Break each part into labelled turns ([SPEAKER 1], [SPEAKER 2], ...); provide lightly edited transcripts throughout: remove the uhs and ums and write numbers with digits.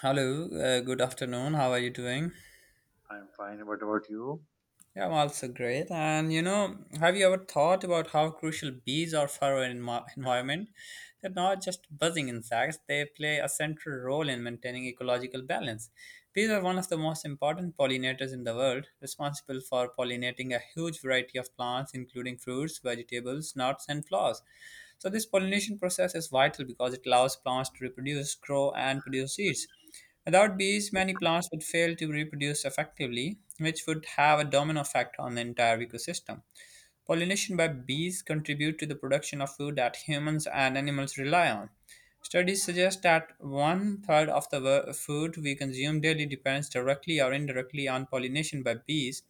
[SPEAKER 1] Hello, good afternoon. How are you doing?
[SPEAKER 2] I'm fine. What about you?
[SPEAKER 1] Yeah, I'm also great. And you know, have you ever thought about how crucial bees are for our environment? They're not just buzzing insects, they play a central role in maintaining ecological balance. Bees are one of the most important pollinators in the world, responsible for pollinating a huge variety of plants, including fruits, vegetables, nuts, and flowers. So, this pollination process is vital because it allows plants to reproduce, grow, and produce seeds. Without bees, many plants would fail to reproduce effectively, which would have a domino effect on the entire ecosystem. Pollination by bees contribute to the production of food that humans and animals rely on. Studies suggest that one third of the food we consume daily depends directly or indirectly on pollination by bees.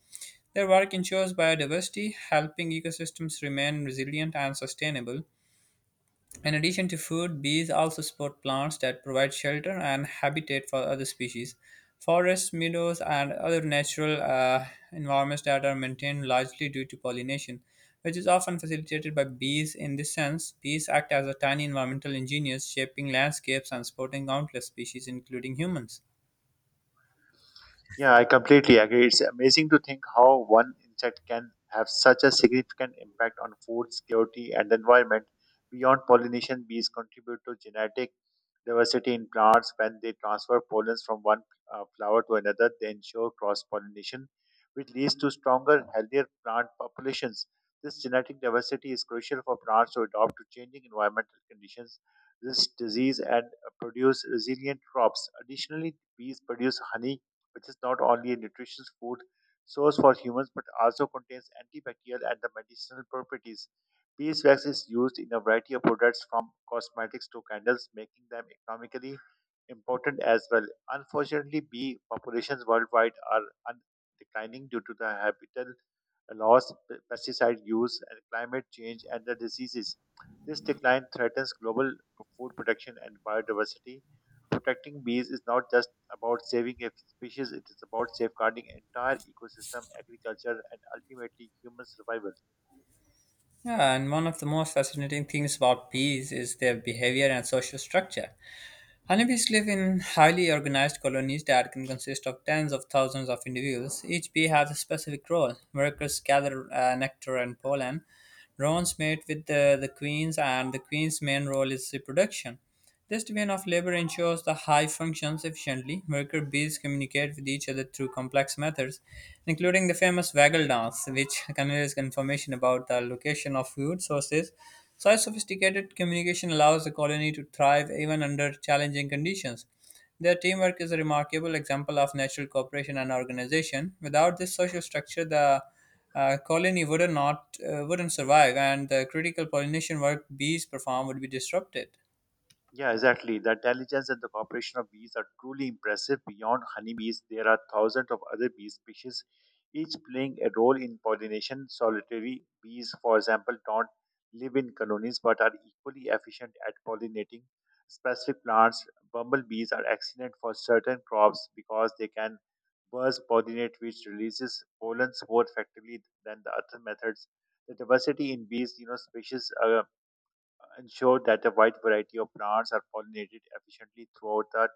[SPEAKER 1] Their work ensures biodiversity, helping ecosystems remain resilient and sustainable. In addition to food, bees also support plants that provide shelter and habitat for other species. Forests, meadows, and other natural environments that are maintained largely due to pollination, which is often facilitated by bees. In this sense, bees act as a tiny environmental engineers, shaping landscapes and supporting countless species, including humans.
[SPEAKER 2] Yeah, I completely agree. It's amazing to think how one insect can have such a significant impact on food security and the environment. Beyond pollination, bees contribute to genetic diversity in plants when they transfer pollens from one flower to another. They ensure cross pollination, which leads to stronger, healthier plant populations. This genetic diversity is crucial for plants to adapt to changing environmental conditions, resist disease, and produce resilient crops. Additionally, bees produce honey which is not only a nutritious food source for humans but also contains antibacterial and the medicinal properties. Beeswax is used in a variety of products from cosmetics to candles, making them economically important as well. Unfortunately, bee populations worldwide are un- declining due to the habitat loss, pesticide use, and climate change and the diseases. This decline threatens global food production and biodiversity. Protecting bees is not just about saving a species, it is about safeguarding entire ecosystem, agriculture, and ultimately human survival.
[SPEAKER 1] Yeah, and one of the most fascinating things about bees is their behavior and social structure. Honeybees live in highly organized colonies that can consist of tens of thousands of individuals. Each bee has a specific role. Workers gather nectar and pollen. Drones mate with the queens, and the queen's main role is reproduction. This division of labor ensures the hive functions efficiently. Worker bees communicate with each other through complex methods, including the famous waggle dance, which conveys information about the location of food sources such sophisticated communication allows the colony to thrive even under challenging conditions. Their teamwork is a remarkable example of natural cooperation and organization. Without this social structure, the colony would not wouldn't survive, and the critical pollination work bees perform would be disrupted.
[SPEAKER 2] Yeah, exactly. The intelligence and the cooperation of bees are truly impressive. Beyond honeybees, there are thousands of other bee species, each playing a role in pollination. Solitary bees, for example, don't live in colonies but are equally efficient at pollinating specific plants. Bumblebees are excellent for certain crops because they can burst pollinate, which releases pollens more effectively than the other methods. The diversity in bees, you know, species ensure that a wide variety of plants are pollinated efficiently throughout the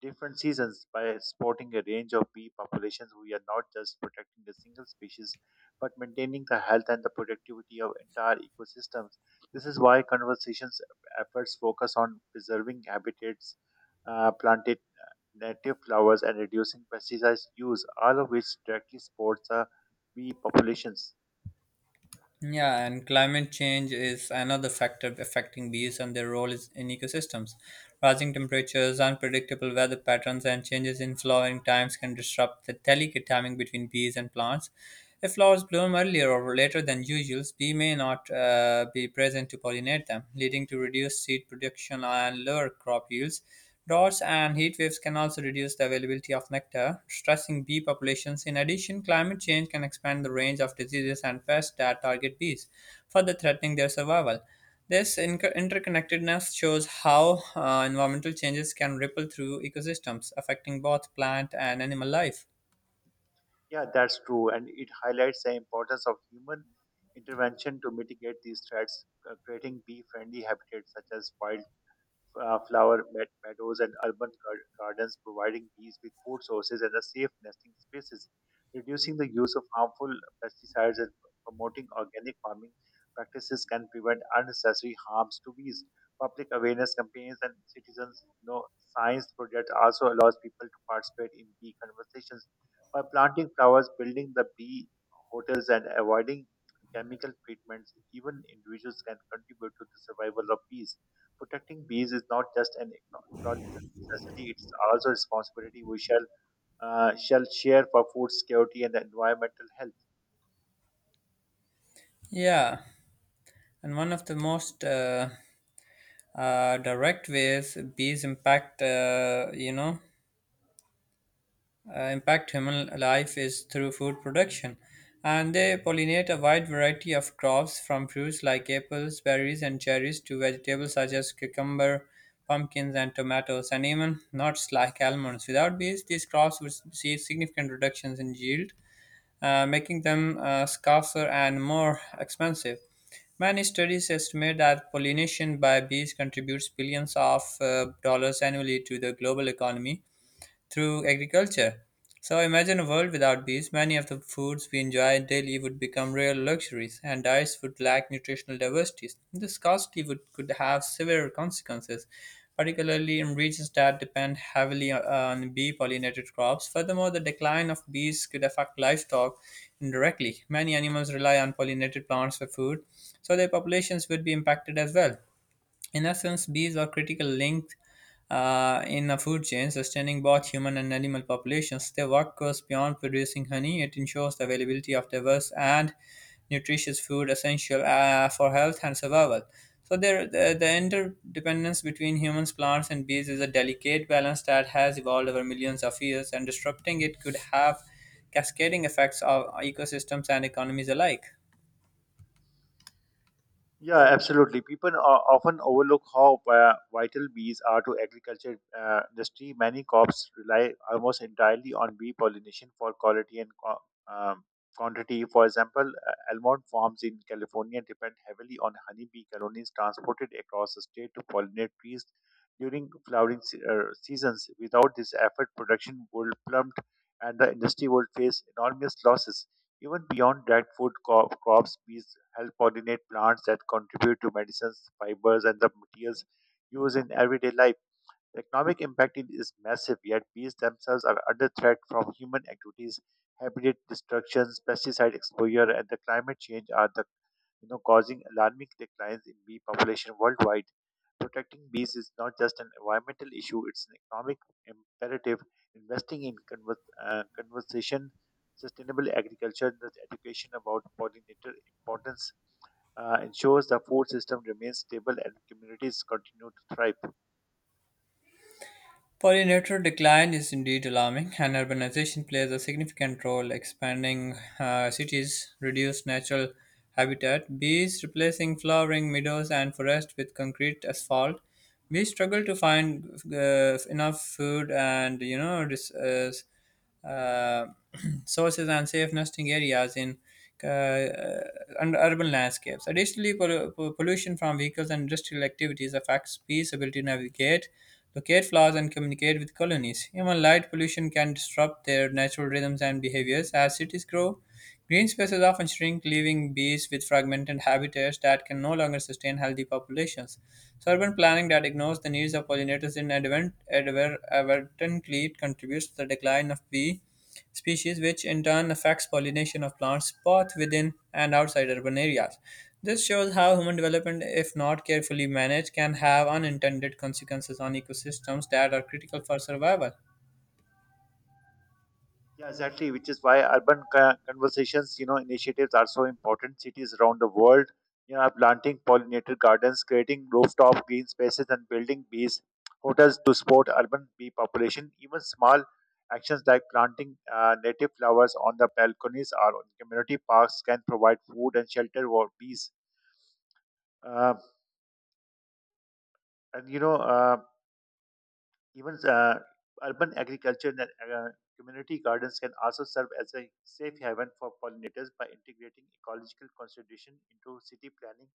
[SPEAKER 2] different seasons by supporting a range of bee populations. We are not just protecting a single species, but maintaining the health and the productivity of entire ecosystems. This is why conversations efforts focus on preserving habitats, planted native flowers, and reducing pesticide use, all of which directly supports the bee populations.
[SPEAKER 1] Yeah, and climate change is another factor affecting bees and their role is in ecosystems. Rising temperatures, unpredictable weather patterns, and changes in flowering times can disrupt the delicate timing between bees and plants. If flowers bloom earlier or later than usual, bees may not be present to pollinate them, leading to reduced seed production and lower crop yields. Droughts and heatwaves can also reduce the availability of nectar, stressing bee populations. In addition, climate change can expand the range of diseases and pests that target bees, further threatening their survival. This interconnectedness shows how environmental changes can ripple through ecosystems, affecting both plant and animal life.
[SPEAKER 2] Yeah, that's true. And it highlights the importance of human intervention to mitigate these threats. Creating bee friendly habitats such as wild flower meadows and urban gardens, providing bees with food sources and a safe nesting spaces, reducing the use of harmful pesticides and promoting organic farming practices can prevent unnecessary harms to bees. Public awareness campaigns and citizens, you know, science projects also allows people to participate in bee conversations by planting flowers, building the bee hotels, and avoiding chemical treatments. Even individuals can contribute to the survival of bees. Protecting bees is not just an ecological necessity; it's also a responsibility we shall share for food security and the environmental health.
[SPEAKER 1] Yeah, and one of the most direct ways bees impact, impact human life is through food production, and they pollinate a wide variety of crops from fruits like apples, berries, and cherries to vegetables such as cucumber, pumpkins, and tomatoes, and even nuts like almonds. Without bees, these crops would see significant reductions in yield, making them scarcer and more expensive. Many studies estimate that pollination by bees contributes billions of dollars annually to the global economy, through agriculture. So imagine a world without bees. Many of the foods we enjoy daily would become real luxuries, and diets would lack nutritional diversity. This could have severe consequences, particularly in regions that depend heavily on bee pollinated crops. Furthermore, the decline of bees could affect livestock indirectly. Many animals rely on pollinated plants for food, so their populations would be impacted as well. In essence, bees are critical links in the food chain, sustaining both human and animal populations. Their work goes beyond producing honey, it ensures the availability of diverse and nutritious food essential for health and survival. So, the interdependence between humans, plants, and bees is a delicate balance that has evolved over millions of years, and disrupting it could have cascading effects on ecosystems and economies alike.
[SPEAKER 2] Yeah, absolutely. People often overlook how vital bees are to agriculture industry. Many crops rely almost entirely on bee pollination for quality and um, quantity. For example, almond farms in California depend heavily on honeybee colonies transported across the state to pollinate trees during flowering seasons. Without this effort, production would plummet and the industry would face enormous losses. Even beyond that, food crops, bees help pollinate plants that contribute to medicines, fibers, and the materials used in everyday life. The economic impact is massive, yet bees themselves are under threat from human activities, habitat destructions, pesticide exposure, and the climate change are the you know causing alarming declines in bee population worldwide. Protecting bees is not just an environmental issue, it's an economic imperative. Investing in conversation, sustainable agriculture, the education about pollinator importance ensures the food system remains stable and communities continue to thrive.
[SPEAKER 1] Pollinator decline is indeed alarming, and urbanization plays a significant role. Expanding cities reduce natural habitat. Bees replacing flowering meadows and forest with concrete asphalt. Bees struggle to find enough food and you know uh, sources and safe nesting areas in uh, uh, and urban landscapes. Additionally, pollution from vehicles and industrial activities affects bees' ability to navigate, locate flowers, and communicate with colonies. Even light pollution can disrupt their natural rhythms and behaviors as cities grow. Green spaces often shrink, leaving bees with fragmented habitats that can no longer sustain healthy populations. So, urban planning that ignores the needs of pollinators advertently contributes to the decline of bee species, which in turn affects pollination of plants both within and outside urban areas. This shows how human development, if not carefully managed, can have unintended consequences on ecosystems that are critical for survival.
[SPEAKER 2] Yeah, exactly. Which is why urban conversations, you know, initiatives are so important. Cities around the world, you know, are planting pollinator gardens, creating rooftop green spaces, and building bees hotels to support urban bee population. Even small actions like planting native flowers on the balconies or on community parks can provide food and shelter for bees. Uh, and you know. Even Urban agriculture and community gardens can also serve as a safe haven for pollinators by integrating ecological consideration into city planning.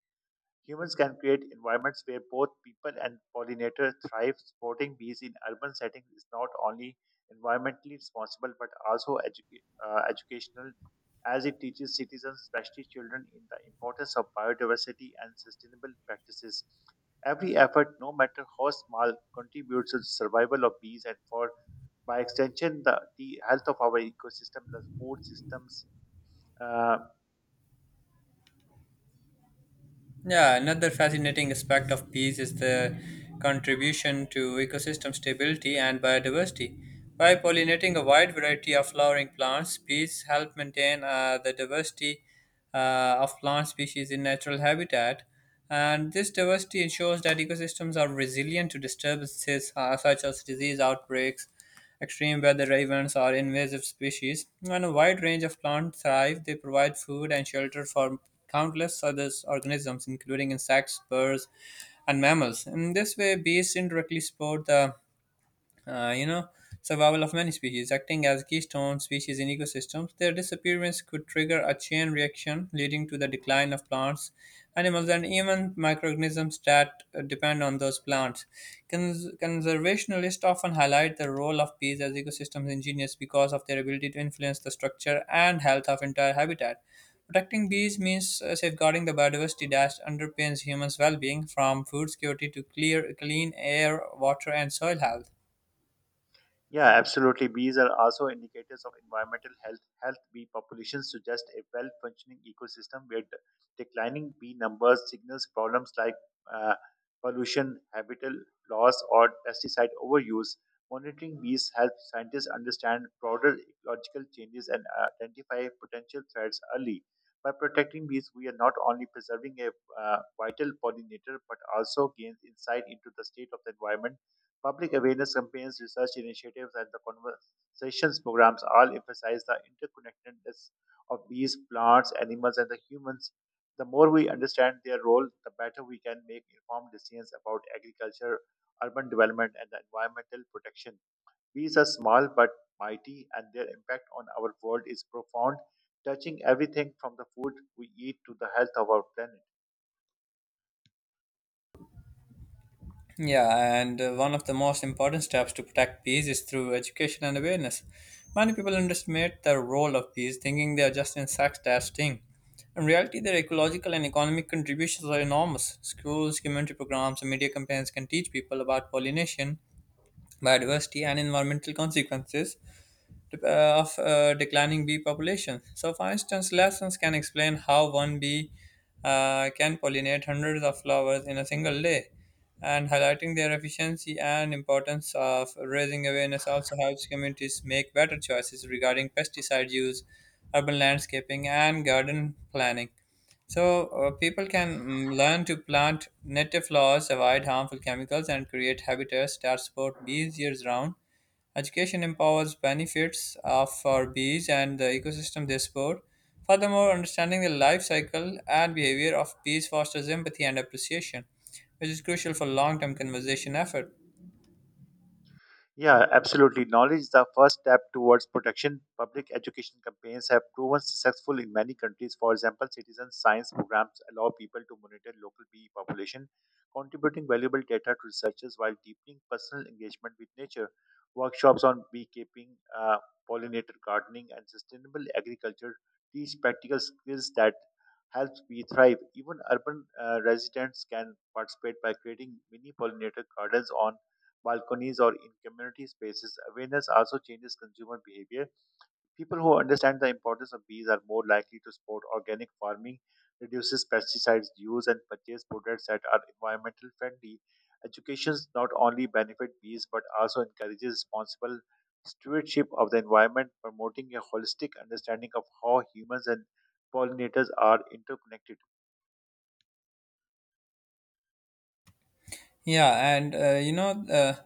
[SPEAKER 2] Humans can create environments where both people and pollinators thrive. Supporting bees in urban settings is not only environmentally responsible but also educational, as it teaches citizens, especially children, in the importance of biodiversity and sustainable practices. Every effort, no matter how small, contributes to the survival of bees and, for by extension, the health of our ecosystem, the food systems. Uh,
[SPEAKER 1] Yeah, another fascinating aspect of bees is the contribution to ecosystem stability and biodiversity. By pollinating a wide variety of flowering plants, bees help maintain the diversity of plant species in natural habitat. And this diversity ensures that ecosystems are resilient to disturbances such as disease outbreaks Extreme weather ravens are invasive species, and a wide range of plants thrive. They provide food and shelter for countless other organisms, including insects, birds, and mammals. In this way, bees indirectly support the uh, you know, survival of many species, acting as keystone species in ecosystems. Their disappearance could trigger a chain reaction, leading to the decline of plants, animals, and even microorganisms that depend on those plants. Conservationists often highlight the role of bees as ecosystem engineers because of their ability to influence the structure and health of entire habitat. Protecting bees means safeguarding the biodiversity that underpins humans' well-being, from food security to clear, clean air, water, and soil health.
[SPEAKER 2] Yeah, absolutely. Bees are also indicators of environmental health. Health bee populations suggest a well functioning ecosystem where declining bee numbers signals problems like uh, pollution, habitat loss, or pesticide overuse. Monitoring bees helps scientists understand broader ecological changes and identify potential threats early. By protecting bees, we are not only preserving a vital pollinator but also gains insight into the state of the environment. Public awareness campaigns, research initiatives, and the conversations programs all emphasize the interconnectedness of bees, plants, animals, and the humans. The more we understand their role, the better we can make informed decisions about agriculture, urban development, and the environmental protection. Bees are small but mighty, and their impact on our world is profound, touching everything from the food we eat to the health of our planet.
[SPEAKER 1] Yeah, and one of the most important steps to protect bees is through education and awareness. Many people underestimate the role of bees, thinking they are just insects that sting. In reality, their ecological and economic contributions are enormous. Schools, community programs, and media campaigns can teach people about pollination, biodiversity, and environmental consequences of declining bee population. So, for instance, lessons can explain how one bee can pollinate hundreds of flowers in a single day, and highlighting their efficiency and importance of raising awareness also helps communities make better choices regarding pesticide use, urban landscaping, and garden planning. So, people can learn to plant native flowers, avoid harmful chemicals, and create habitats that support bees years round Education empowers benefits for bees and the ecosystem they support. Furthermore, understanding the life cycle and behavior of bees fosters empathy and appreciation, which is crucial for long term conservation effort.
[SPEAKER 2] Yeah, absolutely. Knowledge is the first step towards protection. Public education campaigns have proven successful in many countries. For example, citizen science programs allow people to monitor local bee population, contributing valuable data to researchers while deepening personal engagement with nature. Workshops on beekeeping, pollinator gardening, and sustainable agriculture teach practical skills that helps bees thrive. Even urban residents can participate by creating mini pollinator gardens on balconies, or in community spaces. Awareness also changes consumer behavior. People who understand the importance of bees are more likely to support organic farming, reduces pesticides use, and purchase products that are environmental friendly. Education not only benefits bees but also encourages responsible stewardship of the environment, promoting a holistic understanding of how humans and pollinators are interconnected.
[SPEAKER 1] Yeah, and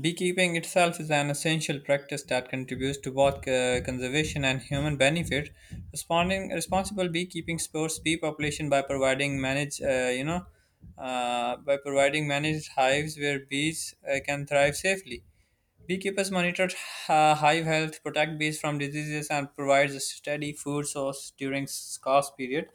[SPEAKER 1] beekeeping itself is an essential practice that contributes to both conservation and human benefit. Responding responsible beekeeping supports bee population by providing by providing managed hives where bees can thrive safely. Beekeepers monitor hive health, protect bees from diseases, and provides a steady food source during scarce period.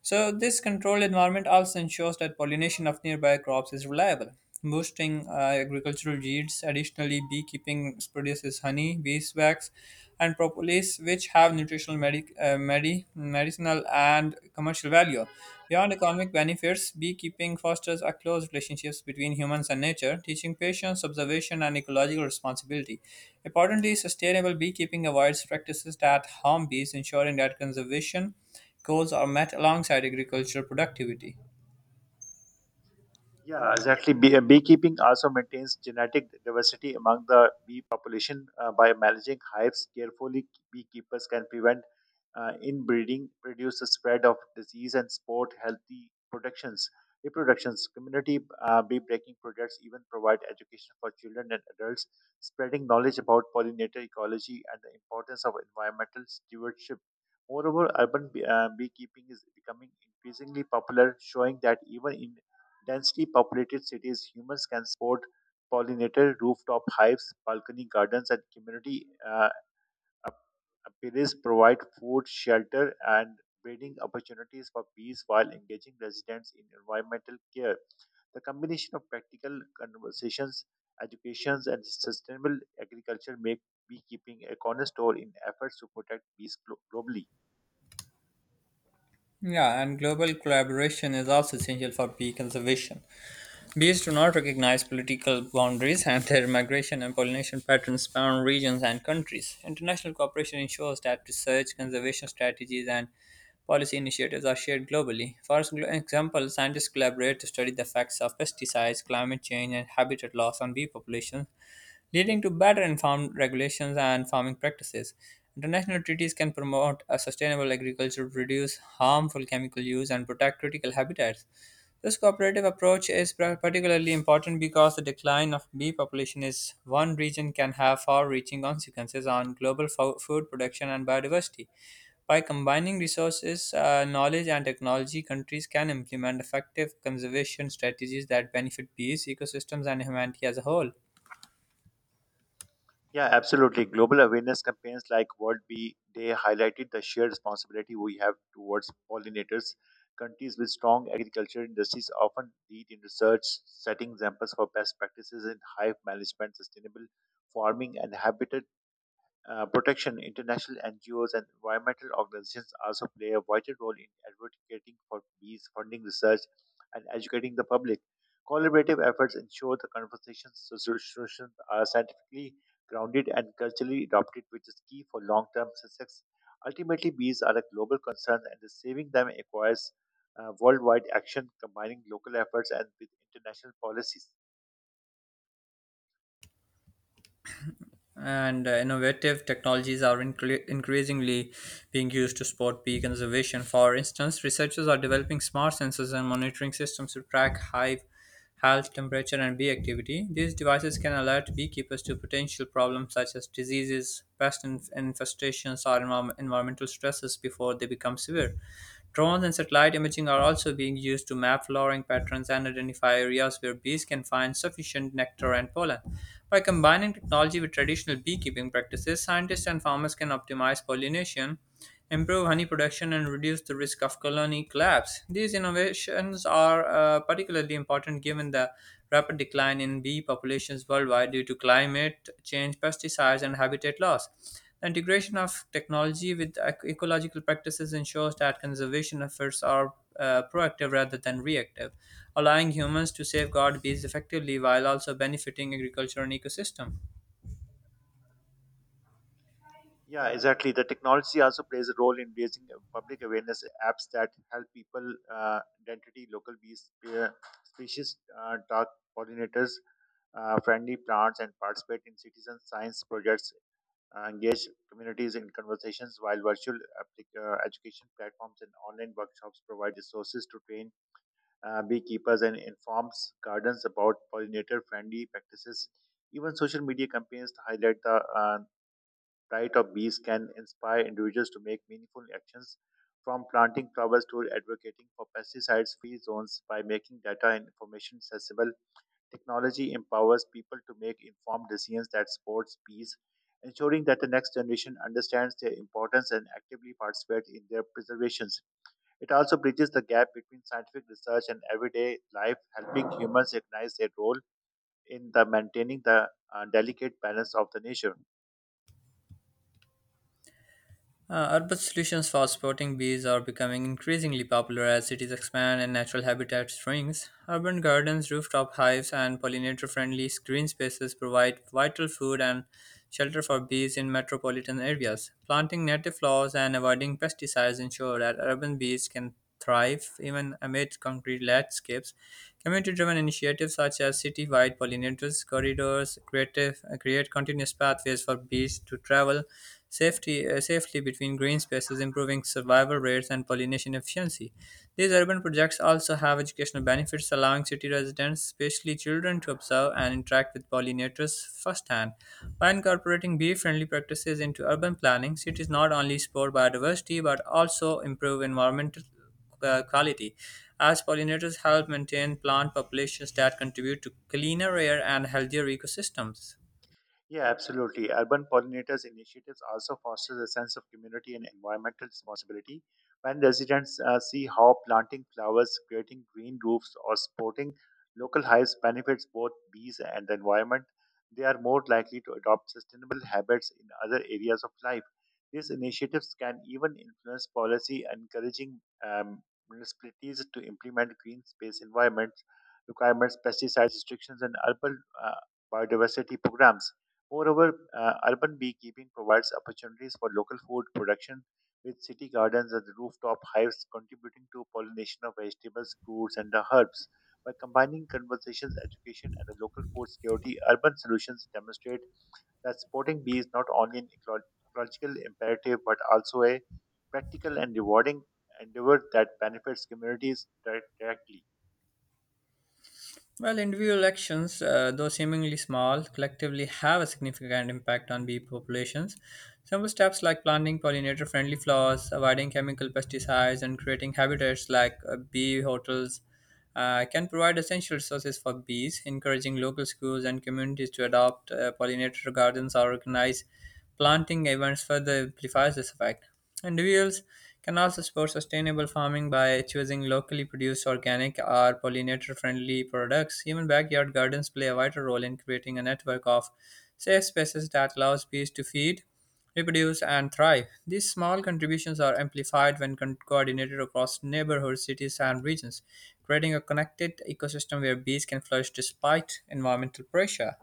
[SPEAKER 1] So this controlled environment also ensures that pollination of nearby crops is reliable, boosting agricultural yields. Additionally, beekeeping produces honey, beeswax, and propolis, which have nutritional, medicinal, and commercial value. Beyond economic benefits, beekeeping fosters a close relationship between humans and nature, teaching patience, observation, and ecological responsibility. Importantly, sustainable beekeeping avoids practices that harm bees, ensuring that conservation goals are met alongside agricultural productivity.
[SPEAKER 2] Yeah, exactly. Beekeeping also maintains genetic diversity among the bee population by managing hives carefully. Beekeepers can prevent inbreeding, reduce the spread of disease, and support healthy productions. Reproductions, community bee breaking projects even provide education for children and adults, spreading knowledge about pollinator ecology and the importance of environmental stewardship. Moreover, urban beekeeping is becoming increasingly popular, showing that even in densely populated cities, humans can support pollinator rooftop hives, balcony gardens, and community appeals provide food, shelter, and breeding opportunities for bees while engaging residents in environmental care. The combination of practical conversations, educations, and sustainable agriculture make beekeeping a cornerstone in efforts to protect bees globally.
[SPEAKER 1] Yeah, and global collaboration is also essential for bee conservation. Bees do not recognize political boundaries, and their migration and pollination patterns span regions and countries. International cooperation ensures that research, conservation strategies, and policy initiatives are shared globally. For example, scientists collaborate to study the effects of pesticides, climate change, and habitat loss on bee populations leading to better informed regulations and farming practices. International treaties can promote a sustainable agriculture, reduce harmful chemical use, and protect critical habitats. This cooperative approach is particularly important because the decline of bee population in one region can have far-reaching consequences on global food production and biodiversity. By combining resources, knowledge, and technology, countries can implement effective conservation strategies that benefit bees, ecosystems, and humanity as a whole.
[SPEAKER 2] Yeah, absolutely. Global awareness campaigns like World Bee Day highlighted the shared responsibility we have towards pollinators. Countries with strong agriculture industries often lead in research, setting examples for best practices in hive management, sustainable farming, and habitat protection, international NGOs and environmental organizations also play a vital role in advocating for bees, funding research, and educating the public. Collaborative efforts ensure the conversations so, solutions are scientifically grounded and culturally adopted, which is key for long-term success. Ultimately, bees are a global concern, and the saving them requires worldwide action, combining local efforts and with international policies.
[SPEAKER 1] And innovative technologies are increasingly being used to support bee conservation. For instance, researchers are developing smart sensors and monitoring systems to track hive health, temperature, and bee activity. These devices can alert beekeepers to potential problems such as diseases, pest infestations or environmental stresses before they become severe. Drones and satellite imaging are also being used to map flowering patterns and identify areas where bees can find sufficient nectar and pollen. By combining technology with traditional beekeeping practices, scientists and farmers can optimize pollination, improve honey production, and reduce the risk of colony collapse. These innovations are particularly important given the rapid decline in bee populations worldwide due to climate change, pesticides, and habitat loss. The integration of technology with ecological practices ensures that conservation efforts are proactive rather than reactive, allowing humans to safeguard bees effectively while also benefiting agriculture and ecosystem.
[SPEAKER 2] Yeah, exactly. The technology also plays a role in raising public awareness. Apps that help people identity local bee uh, species, dog pollinators, friendly plants, and participate in citizen science projects. Engage communities in conversations while virtual education platforms and online workshops provide resources to train beekeepers and informs gardens about pollinator friendly practices. Even social media campaigns highlight the diet of bees can inspire individuals to make meaningful actions from planting flowers to advocating for pesticides free zones by making data and information accessible. Technology empowers people to make informed decisions that supports peace, ensuring that the next generation understands their importance and actively participates in their preservations. It also bridges the gap between scientific research and everyday life, helping humans recognize their role in the maintaining the delicate balance of the nature.
[SPEAKER 1] Urban solutions for spotting bees are becoming increasingly popular as cities expand and natural habitat shrinks. Urban gardens, rooftop hives, and pollinator friendly green spaces provide vital food and shelter for bees in metropolitan areas. Planting native flowers and avoiding pesticides ensure that urban bees can thrive even amid concrete landscapes. Community driven initiatives such as city wide pollinators corridors create continuous pathways for bees to travel safely between green spaces, improving survival rates and pollination efficiency. These urban projects also have educational benefits, allowing city residents, especially children, to observe and interact with pollinators firsthand. By incorporating bee friendly practices into urban planning, cities not only support biodiversity but also improve environmental quality, as pollinators help maintain plant populations that contribute to cleaner air and healthier ecosystems.
[SPEAKER 2] Yeah, absolutely. Urban pollinators initiatives also fosters a sense of community and environmental responsibility. When residents see how planting flowers, creating green roofs, or supporting local hives benefits both bees and the environment, they are more likely to adopt sustainable habits in other areas of life. These initiatives can even influence policy, encouraging municipalities to implement green space environment requirements, pesticide restrictions, and urban biodiversity programs. Moreover, urban beekeeping provides opportunities for local food production with city gardens and rooftop hives contributing to pollination of vegetables, fruits, and the herbs. By combining conversations, education, and the local food security, urban solutions demonstrate that supporting bees is not only an ecological imperative but also a practical and rewarding endeavor that benefits communities directly.
[SPEAKER 1] Well, individual actions, though seemingly small, collectively have a significant impact on bee populations. Simple steps like planting pollinator friendly flowers, avoiding chemical pesticides, and creating habitats like bee hotels can provide essential resources for bees, encouraging local schools and communities to adopt pollinator gardens or organize planting events further amplifies this effect. Individuals can also support sustainable farming by choosing locally produced organic or pollinator friendly products. Even backyard gardens play a vital role in creating a network of safe spaces that allows bees to feed, reproduce, and thrive. These small contributions are amplified when coordinated across neighborhoods, cities, and regions, creating a connected ecosystem where bees can flourish despite environmental pressure.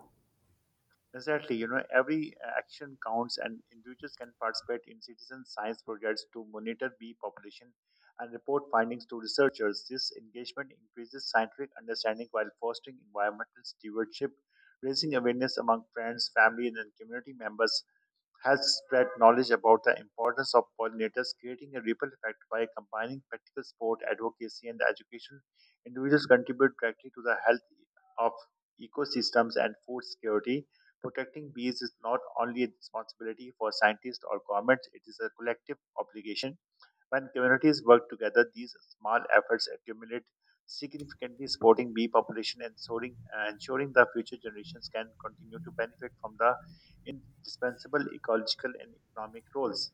[SPEAKER 2] Exactly, you know, every action counts and individuals can participate in citizen science projects to monitor bee population and report findings to researchers. This engagement increases scientific understanding while fostering environmental stewardship, raising awareness among friends, family, and community members has spread knowledge about the importance of pollinators, creating a ripple effect by combining practical sport, advocacy, and education. Individuals contribute directly to the health of ecosystems and food security. Protecting bees is not only a responsibility for scientists or governments, it is a collective obligation. When communities work together, these small efforts accumulate significantly, supporting bee population and soaring, ensuring that future generations can continue to benefit from the indispensable ecological and economic roles.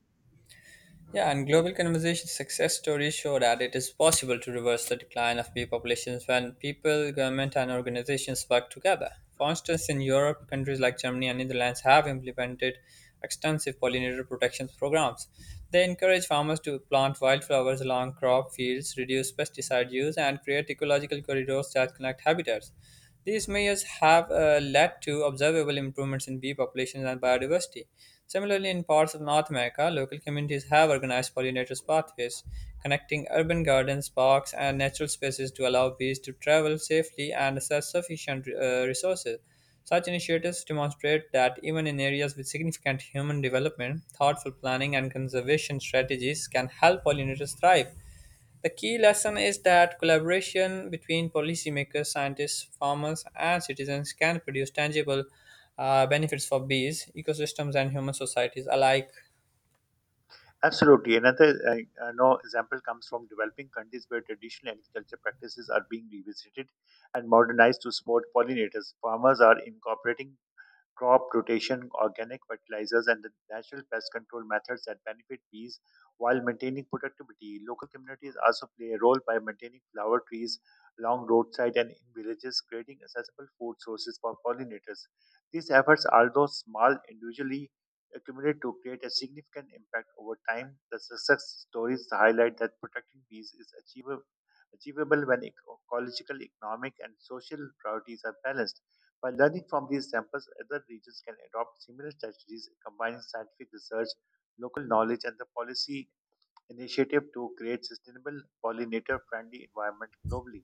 [SPEAKER 1] Yeah, and global conversation success stories show that it is possible to reverse the decline of bee populations when people, government, and organizations work together. For instance, in Europe, countries like Germany and Netherlands have implemented extensive pollinator protection programs. They encourage farmers to plant wildflowers along crop fields, reduce pesticide use, and create ecological corridors that connect habitats. These measures have led to observable improvements in bee populations and biodiversity. Similarly, in parts of North America, local communities have organized pollinators pathways, connecting urban gardens, parks, and natural spaces to allow bees to travel safely and access sufficient resources. Such initiatives demonstrate that even in areas with significant human development, thoughtful planning and conservation strategies can help pollinators thrive. The key lesson is that collaboration between policymakers, scientists, farmers, and citizens can produce tangible benefits for bees, ecosystems, and human societies alike.
[SPEAKER 2] Absolutely. Another no example comes from developing countries where traditional agriculture practices are being revisited and modernized to support pollinators. Farmers are incorporating crop rotation, organic fertilizers, and the natural pest control methods that benefit bees while maintaining productivity. Local communities also play a role by maintaining flower trees along roadside and in villages, creating accessible food sources for pollinators. These efforts, although small individually, accumulate to create a significant impact over time. The success stories highlight that protecting bees is achievable when ecological, economic, and social priorities are balanced. By learning from these examples, other regions can adopt similar strategies, combining scientific research, local knowledge, and the policy initiative to create sustainable pollinator-friendly environment globally.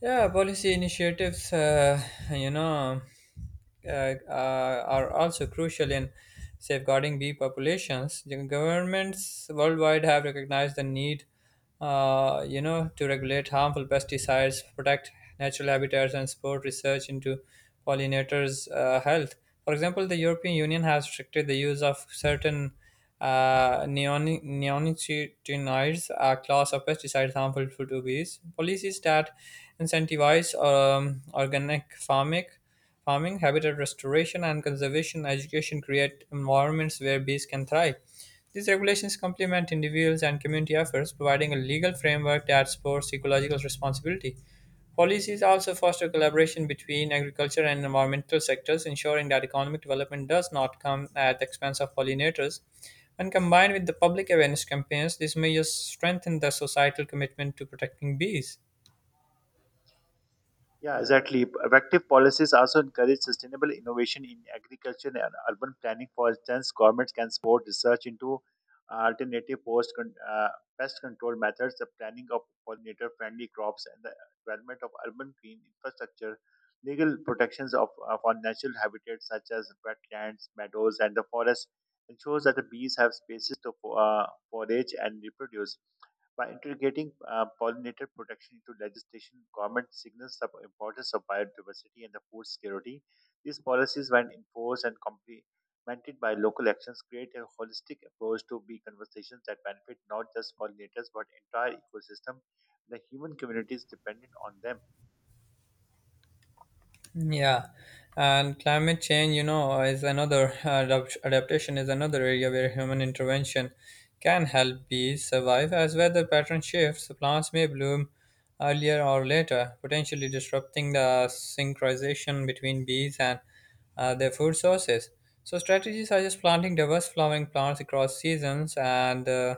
[SPEAKER 1] Yeah, policy initiatives, you know, uh, are also crucial in safeguarding bee populations. The Governments worldwide have recognized the need, you know, to regulate harmful pesticides, protect natural habitats, and support research into pollinators' health. For example, the European Union has restricted the use of certain neonicotinoids, a class of pesticides harmful to bees. Policies that incentivize organic farming, farming, habitat restoration, and conservation education create environments where bees can thrive. These regulations complement individuals and community efforts, providing a legal framework that supports ecological responsibility. Policies also foster collaboration between agriculture and environmental sectors, ensuring that economic development does not come at the expense of pollinators. When combined with the public awareness campaigns, these measures strengthen the societal commitment to protecting bees.
[SPEAKER 2] Yeah, exactly. Effective policies also encourage sustainable innovation in agriculture and urban planning. For instance, governments can support research into alternative pest control methods, the planning of pollinator-friendly crops, and the development of urban green infrastructure. Legal protections of our natural habitats such as wetlands, meadows, and the forest ensures that the bees have spaces to forage and reproduce. By integrating pollinator protection into legislation, government signals the importance of biodiversity and the food security. These policies, when enforced and complemented by local actions, create a holistic approach to bee conservations that benefit not just pollinators but entire ecosystem, and the human communities dependent on them.
[SPEAKER 1] Yeah, and climate change, you know, is another adaptation is another area where human intervention can help bees survive. As weather pattern shifts, plants may bloom earlier or later, potentially disrupting the synchronization between bees and their food sources. So strategies such as planting diverse flowering plants across seasons and uh,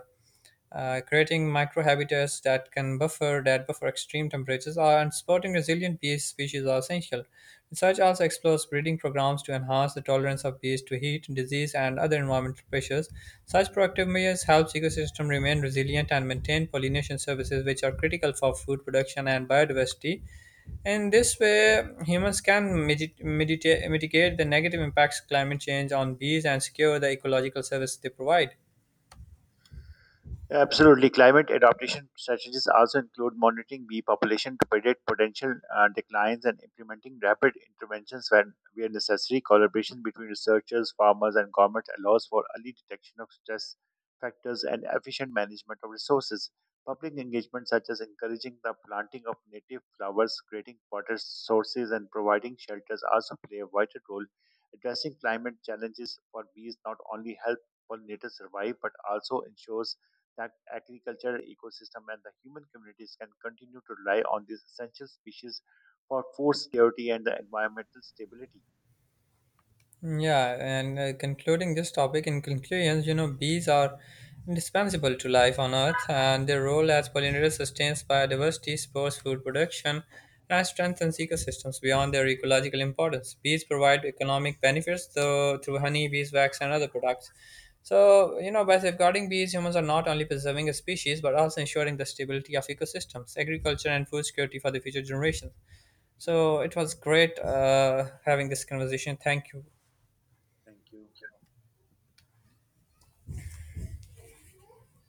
[SPEAKER 1] uh, creating microhabitats that can buffer that buffer extreme temperatures are, and supporting resilient bee species are essential. Research also explores breeding programs to enhance the tolerance of bees to heat, disease, and other environmental pressures. Such proactive measures help ecosystem remain resilient and maintain pollination services, which are critical for food production and biodiversity. In this way, humans can mitigate the negative impacts of climate change on bees and secure the ecological service they provide.
[SPEAKER 2] Absolutely. Climate adaptation strategies also include monitoring bee population to predict potential declines and implementing rapid interventions when where necessary. Collaboration between researchers, farmers, and government allows for early detection of stress factors and efficient management of resources. Public engagement, such as encouraging the planting of native flowers, creating water sources, and providing shelters, also play a vital role. Addressing climate challenges for bees not only help pollinators survive but also ensures that agricultural ecosystem and the human communities can continue to rely on these essential species for food security and the environmental stability.
[SPEAKER 1] Yeah, and concluding this topic, in conclusions, you know, bees are indispensable to life on Earth, and their role as pollinators sustains biodiversity, supports food production, and strengthens ecosystems beyond their ecological importance. Bees provide economic benefits though, through honey, beeswax, and other products. So, you know, by safeguarding bees, humans are not only preserving a species but also ensuring the stability of ecosystems, agriculture, and food security for the future generations. So, it was great having this conversation. Thank you.
[SPEAKER 2] Thank you.